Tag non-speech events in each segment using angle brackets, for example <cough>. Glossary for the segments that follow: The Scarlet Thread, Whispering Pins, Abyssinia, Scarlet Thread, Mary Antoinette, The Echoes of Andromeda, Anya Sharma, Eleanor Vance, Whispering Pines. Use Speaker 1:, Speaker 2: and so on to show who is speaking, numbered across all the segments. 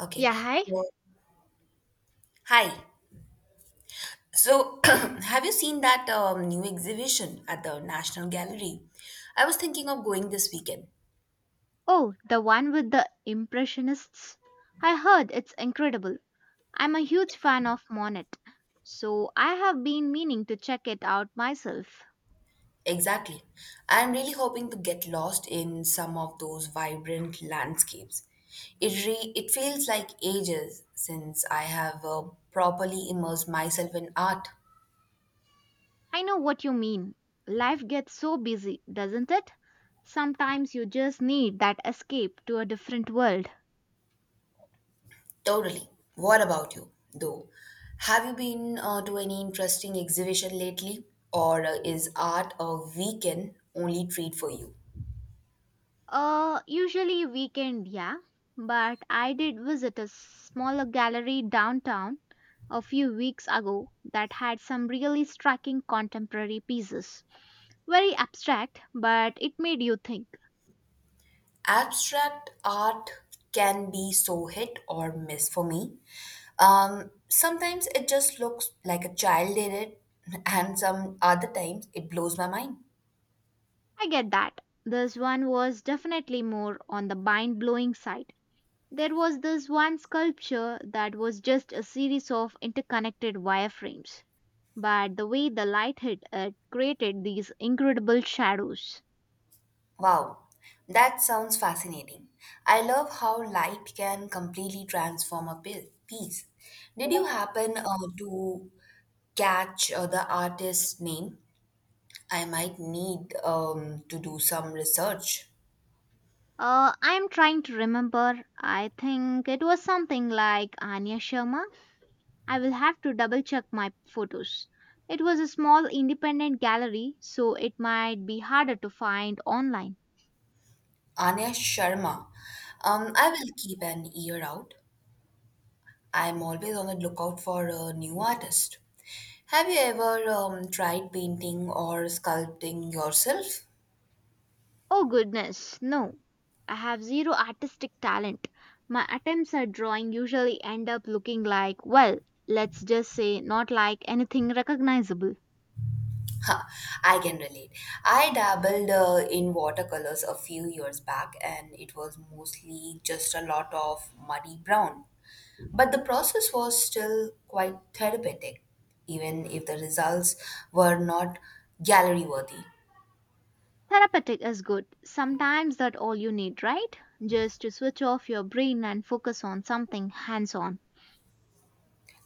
Speaker 1: Okay.
Speaker 2: Yeah, hi.
Speaker 1: So, hi. So, <clears throat> have you seen that new exhibition at the National Gallery? I was thinking of going this weekend.
Speaker 2: Oh, the one with the Impressionists. I heard it's incredible. I'm a huge fan of Monet, so I have been meaning to check it out myself.
Speaker 1: Exactly. I'm really hoping to get lost in some of those vibrant landscapes. It feels like ages since I have properly immersed myself in art.
Speaker 2: I know what you mean. Life gets so busy, doesn't it? Sometimes you just need that escape to a different world.
Speaker 1: Totally. What about you, though? Have you been to any interesting exhibition lately? Or is art a weekend only treat for you?
Speaker 2: Usually weekend, yeah. But I did visit a smaller gallery downtown a few weeks ago that had some really striking contemporary pieces. Very abstract, but it made you think.
Speaker 1: Abstract art can be so hit or miss for me. Sometimes it just looks like a child did it, <laughs> and some other times it blows my mind.
Speaker 2: I get that. This one was definitely more on the mind blowing side. There was this one sculpture that was just a series of interconnected wireframes, but the way the light hit it created these incredible shadows.
Speaker 1: Wow, that sounds fascinating. I love how light can completely transform a piece. Did you happen to catch the artist's name? I might need to do some research.
Speaker 2: I'm trying to remember. I think it was something like Anya Sharma. I will have to double check my photos. It was a small independent gallery, so it might be harder to find online.
Speaker 1: Anya Sharma. I will keep an ear out. I'm always on the lookout for a new artist. Have you ever tried painting or sculpting yourself?
Speaker 2: Oh goodness, no. I have zero artistic talent. My attempts at drawing usually end up looking like, well, let's just say, not like anything recognizable.
Speaker 1: Huh, I can relate. I dabbled in watercolors a few years back and it was mostly just a lot of muddy brown. But the process was still quite therapeutic, even if the results were not gallery worthy.
Speaker 2: Therapeutic is good. Sometimes that all you need, right? Just to switch off your brain and focus on something hands on.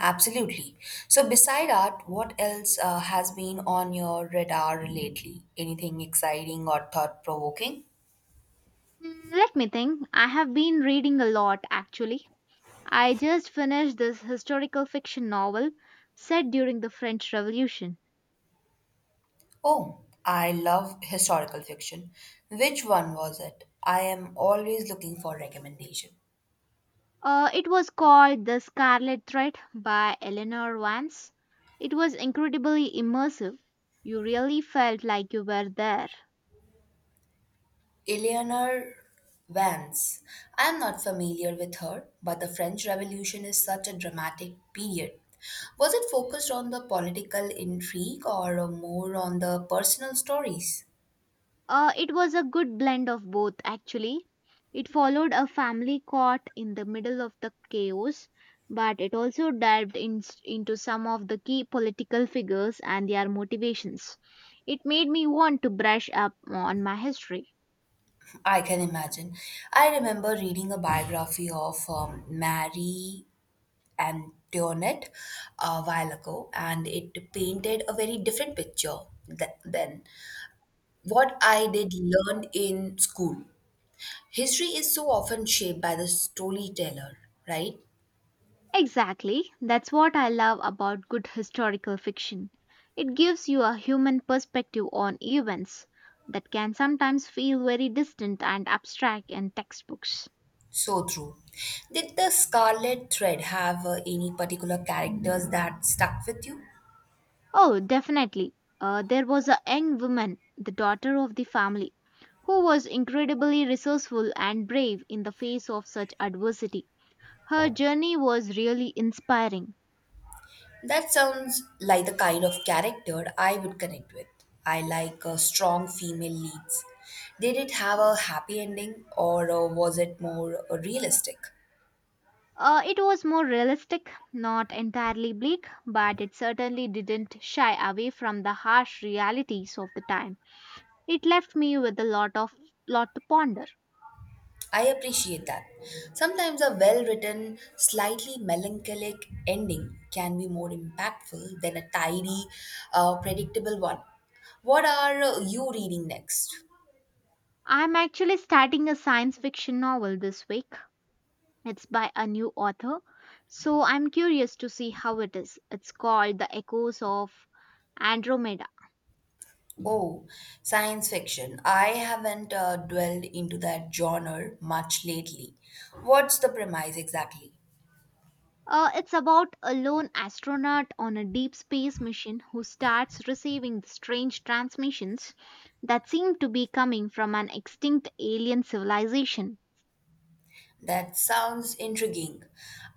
Speaker 1: Absolutely. So, beside art, what else has been on your radar lately? Anything exciting or thought provoking?
Speaker 2: Let me think. I have been reading a lot actually. I just finished this historical fiction novel set during the French Revolution.
Speaker 1: Oh, I love historical fiction. Which one was it? I am always looking for recommendation.
Speaker 2: It was called The Scarlet Thread by Eleanor Vance. It was incredibly immersive. You really felt like you were there.
Speaker 1: Eleanor Vance. I am not familiar with her, but the French Revolution is such a dramatic period. Was it focused on the political intrigue or more on the personal stories?
Speaker 2: It was a good blend of both, actually. It followed a family caught in the middle of the chaos, but it also dived into some of the key political figures and their motivations. It made me want to brush up on my history.
Speaker 1: I can imagine. I remember reading a biography of Mary Antoinette a while ago, and it painted a very different picture than what I did learn in school. History is so often shaped by the storyteller, right?
Speaker 2: Exactly, that's what I love about good historical fiction. It gives you a human perspective on events that can sometimes feel very distant and abstract in textbooks.
Speaker 1: So true. Did the Scarlet Thread have any particular characters that stuck with you?
Speaker 2: Oh, definitely. There was a young woman, the daughter of the family, who was incredibly resourceful and brave in the face of such adversity. Her journey was really inspiring.
Speaker 1: That sounds like the kind of character I would connect with. I like strong female leads. Did it have a happy ending or was it more realistic?
Speaker 2: It was more realistic, not entirely bleak, but it certainly didn't shy away from the harsh realities of the time. It left me with a lot to ponder.
Speaker 1: I appreciate that. Sometimes a well written, slightly melancholic ending can be more impactful than a tidy, predictable one. What are you reading next?
Speaker 2: I'm actually starting a science fiction novel this week. It's by a new author, so I'm curious to see how it is. It's called The Echoes of Andromeda.
Speaker 1: Oh, science fiction. I haven't dwelled into that genre much lately. What's the premise exactly?
Speaker 2: It's about a lone astronaut on a deep space mission who starts receiving the strange transmissions that seem to be coming from an extinct alien civilization.
Speaker 1: That sounds intriguing.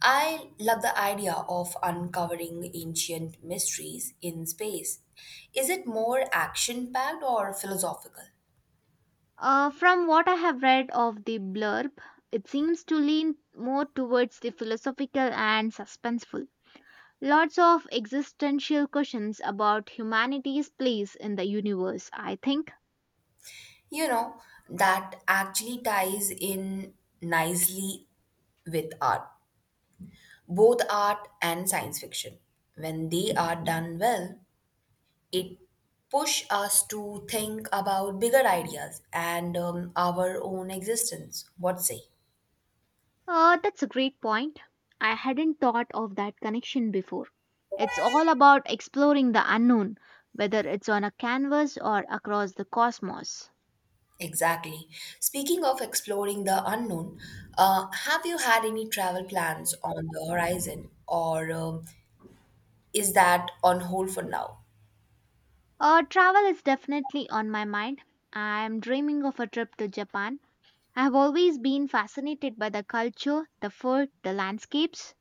Speaker 1: I love the idea of uncovering ancient mysteries in space. Is it more action packed or philosophical?
Speaker 2: From what I have read of the blurb, it seems to lean more towards the philosophical and suspenseful. Lots of existential questions about humanity's place in the universe, I think.
Speaker 1: You know, that actually ties in nicely with art, both art and science fiction. When they are done well, it push us to think about bigger ideas and our own existence. What say?
Speaker 2: That's a great point. I hadn't thought of that connection before. It's all about exploring the unknown, whether it's on a canvas or across the cosmos.
Speaker 1: Exactly. Speaking of exploring the unknown, have you had any travel plans on the horizon, or is that on hold for now?
Speaker 2: Travel is definitely on my mind. I'm dreaming of a trip to Japan. I've always been fascinated by the culture, the food, the landscapes.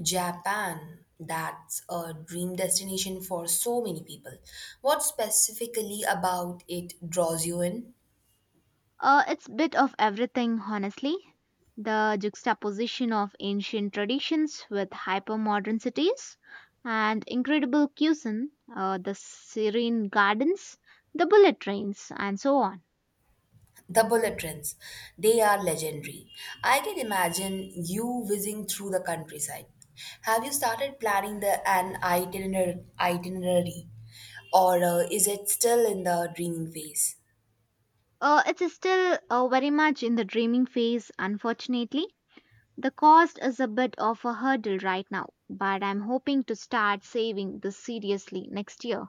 Speaker 1: Japan, that's a dream destination for so many people. What specifically about it draws you in?
Speaker 2: It's bit of everything, honestly. The juxtaposition of ancient traditions with hypermodern cities and incredible cuisine, the serene gardens, the bullet trains, and so on.
Speaker 1: The bullet trains, they are legendary. I can imagine you whizzing through the countryside. Have you started planning the itinerary, or is it still in the dreaming phase?
Speaker 2: It's still very much in the dreaming phase, unfortunately. The cost is a bit of a hurdle right now, but I'm hoping to start saving this seriously next year.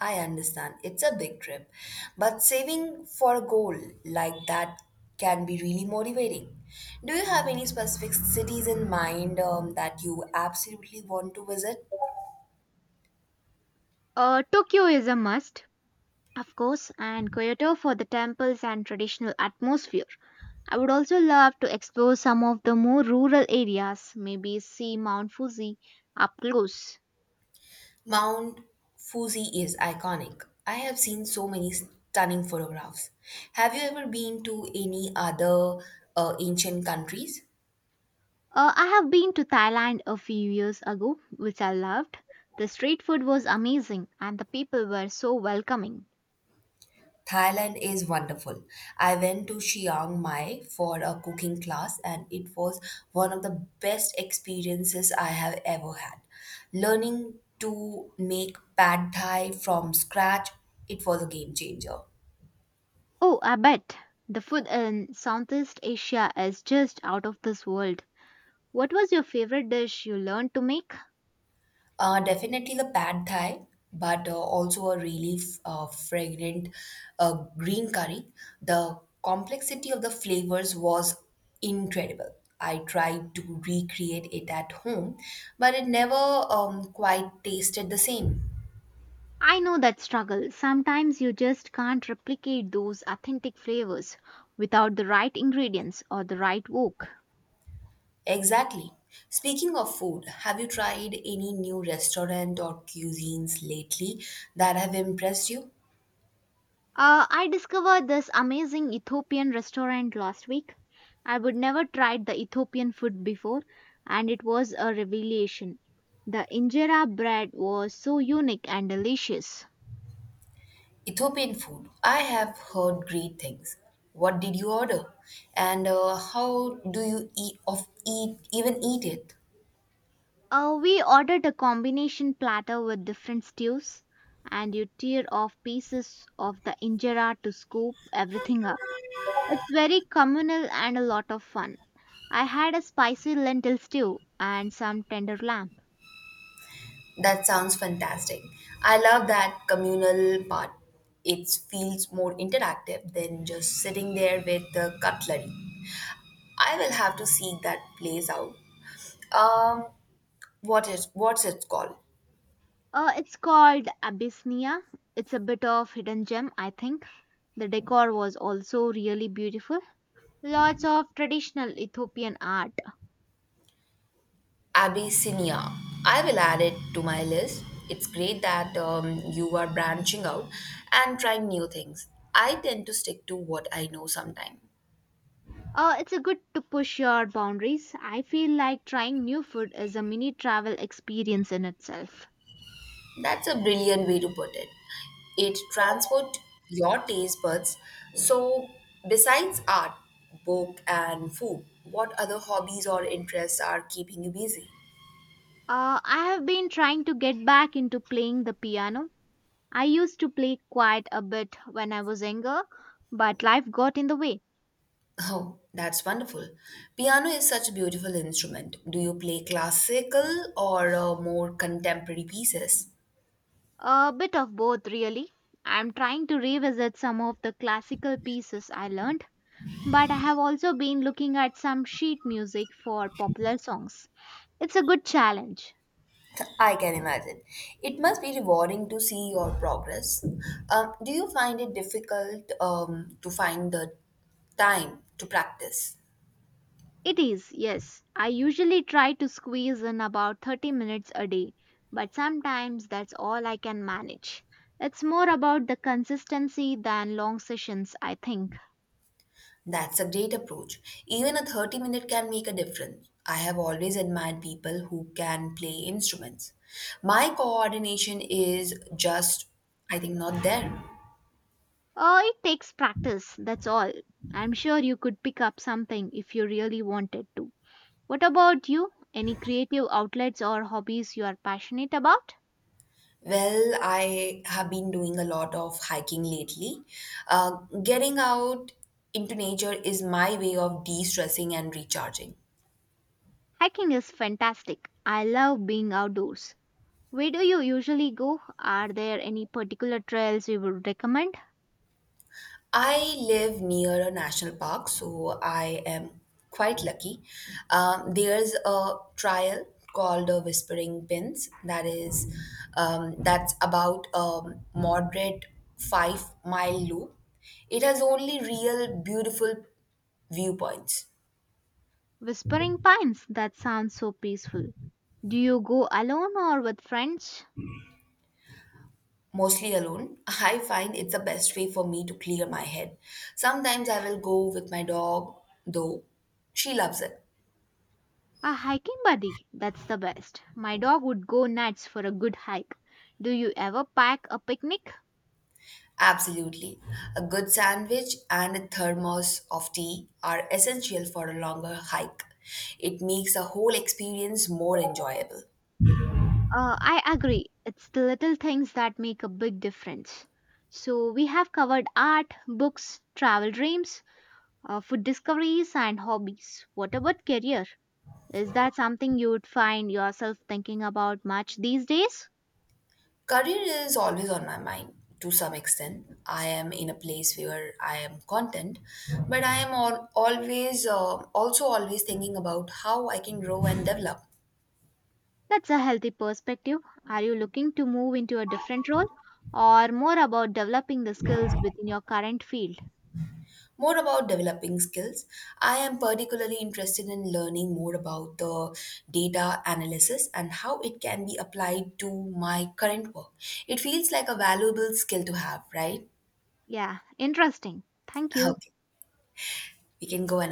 Speaker 1: I understand it's a big trip, but saving for a goal like that can be really motivating. Do you have any specific cities in mind that you absolutely want to visit?
Speaker 2: Tokyo is a must, of course, and Kyoto for the temples and traditional atmosphere. I would also love to explore some of the more rural areas, maybe see Mount Fuji up close.
Speaker 1: Mount Fuji is iconic. I have seen so many stunning photographs. Have you ever been to any other ancient countries?
Speaker 2: I have been to Thailand a few years ago, which I loved. The street food was amazing and the people were so welcoming.
Speaker 1: Thailand is wonderful. I went to Chiang Mai for a cooking class and it was one of the best experiences I have ever had. Learning to make pad thai from scratch, it was a game changer.
Speaker 2: Oh, I bet the food in Southeast Asia is just out of this world. What was your favorite dish you learned to make?
Speaker 1: Definitely the pad thai, but also a really fragrant green curry. The complexity of the flavors was incredible. I tried to recreate it at home, but it never quite tasted the same.
Speaker 2: I know that struggle. Sometimes you just can't replicate those authentic flavors without the right ingredients or the right wok.
Speaker 1: Exactly. Speaking of food, have you tried any new restaurant or cuisines lately that have impressed you?
Speaker 2: I discovered this amazing Ethiopian restaurant last week. I would never tried the Ethiopian food before, and it was a revelation. The injera bread was so unique and delicious.
Speaker 1: Ethiopian food. I have heard great things. What did you order? And how do you eat of eat even eat it?
Speaker 2: We ordered a combination platter with different stews, and you tear off pieces of the injera to scoop everything up. It's very communal and a lot of fun. I had a spicy lentil stew and some tender lamb.
Speaker 1: That sounds fantastic. I love that communal part. It feels more interactive than just sitting there with the cutlery. I will have to seek that place out. Um, what's it called?
Speaker 2: It's called Abyssinia. It's a bit of hidden gem, I think. The decor was also really beautiful. Lots of traditional Ethiopian art.
Speaker 1: Abyssinia. I will add it to my list. It's great that you are branching out and trying new things. I tend to stick to what I know sometimes.
Speaker 2: It's a good to push your boundaries. I feel like trying new food is a mini travel experience in itself.
Speaker 1: That's a brilliant way to put it. It transports your taste buds. So, besides art, book, and food, what other hobbies or interests are keeping you busy?
Speaker 2: I have been trying to get back into playing the piano. I used to play quite a bit when I was younger, but life got in the way.
Speaker 1: Oh, that's wonderful. Piano is such a beautiful instrument. Do you play classical or more contemporary pieces?
Speaker 2: A bit of both, really. I'm trying to revisit some of the classical pieces I learned, but I have also been looking at some sheet music for popular songs. It's a good challenge.
Speaker 1: I can imagine. It must be rewarding to see your progress. Do you find it difficult to find the time to practice?
Speaker 2: It is, yes. I usually try to squeeze in about 30 minutes a day, but sometimes that's all I can manage. It's more about the consistency than long sessions, I think.
Speaker 1: That's a great approach. Even a 30-minute can make a difference. I have always admired people who can play instruments. My coordination is just, I think, not there.
Speaker 2: It takes practice, that's all. I'm sure you could pick up something if you really wanted to. What about you? Any creative outlets or hobbies you are passionate about?
Speaker 1: Well, I have been doing a lot of hiking lately. Uh, Getting out into nature is my way of de-stressing and recharging.
Speaker 2: Hiking is fantastic. I love being outdoors. Where do you usually go? Are there any particular trails you would recommend?
Speaker 1: I live near a national park, so I am quite lucky. There's a trial called the Whispering Pins that's about a moderate 5 mile loop. It has only real beautiful viewpoints.
Speaker 2: Whispering Pines, that sounds so peaceful. Do you go alone or with friends?
Speaker 1: Mostly alone, I find it's the best way for me to clear my head. Sometimes I will go with my dog, though. She loves it.
Speaker 2: A hiking buddy, that's the best. My dog would go nuts for a good hike. Do you ever pack a picnic?
Speaker 1: Absolutely. A good sandwich and a thermos of tea are essential for a longer hike. It makes the whole experience more enjoyable.
Speaker 2: I agree. It's the little things that make a big difference. So, we have covered art, books, travel dreams, food discoveries, and hobbies. What about career? Is that something you would find yourself thinking about much these days?
Speaker 1: Career is always on my mind to some extent. I am in a place where I am content, but I am always thinking about how I can grow and develop.
Speaker 2: That's a healthy perspective. Are you looking to move into a different role or more about developing the skills within your current field?
Speaker 1: More about developing skills. I am particularly interested in learning more about the data analysis and how it can be applied to my current work. It feels like a valuable skill to have, right?
Speaker 2: Yeah, interesting. Thank you.
Speaker 1: Okay, we can go and.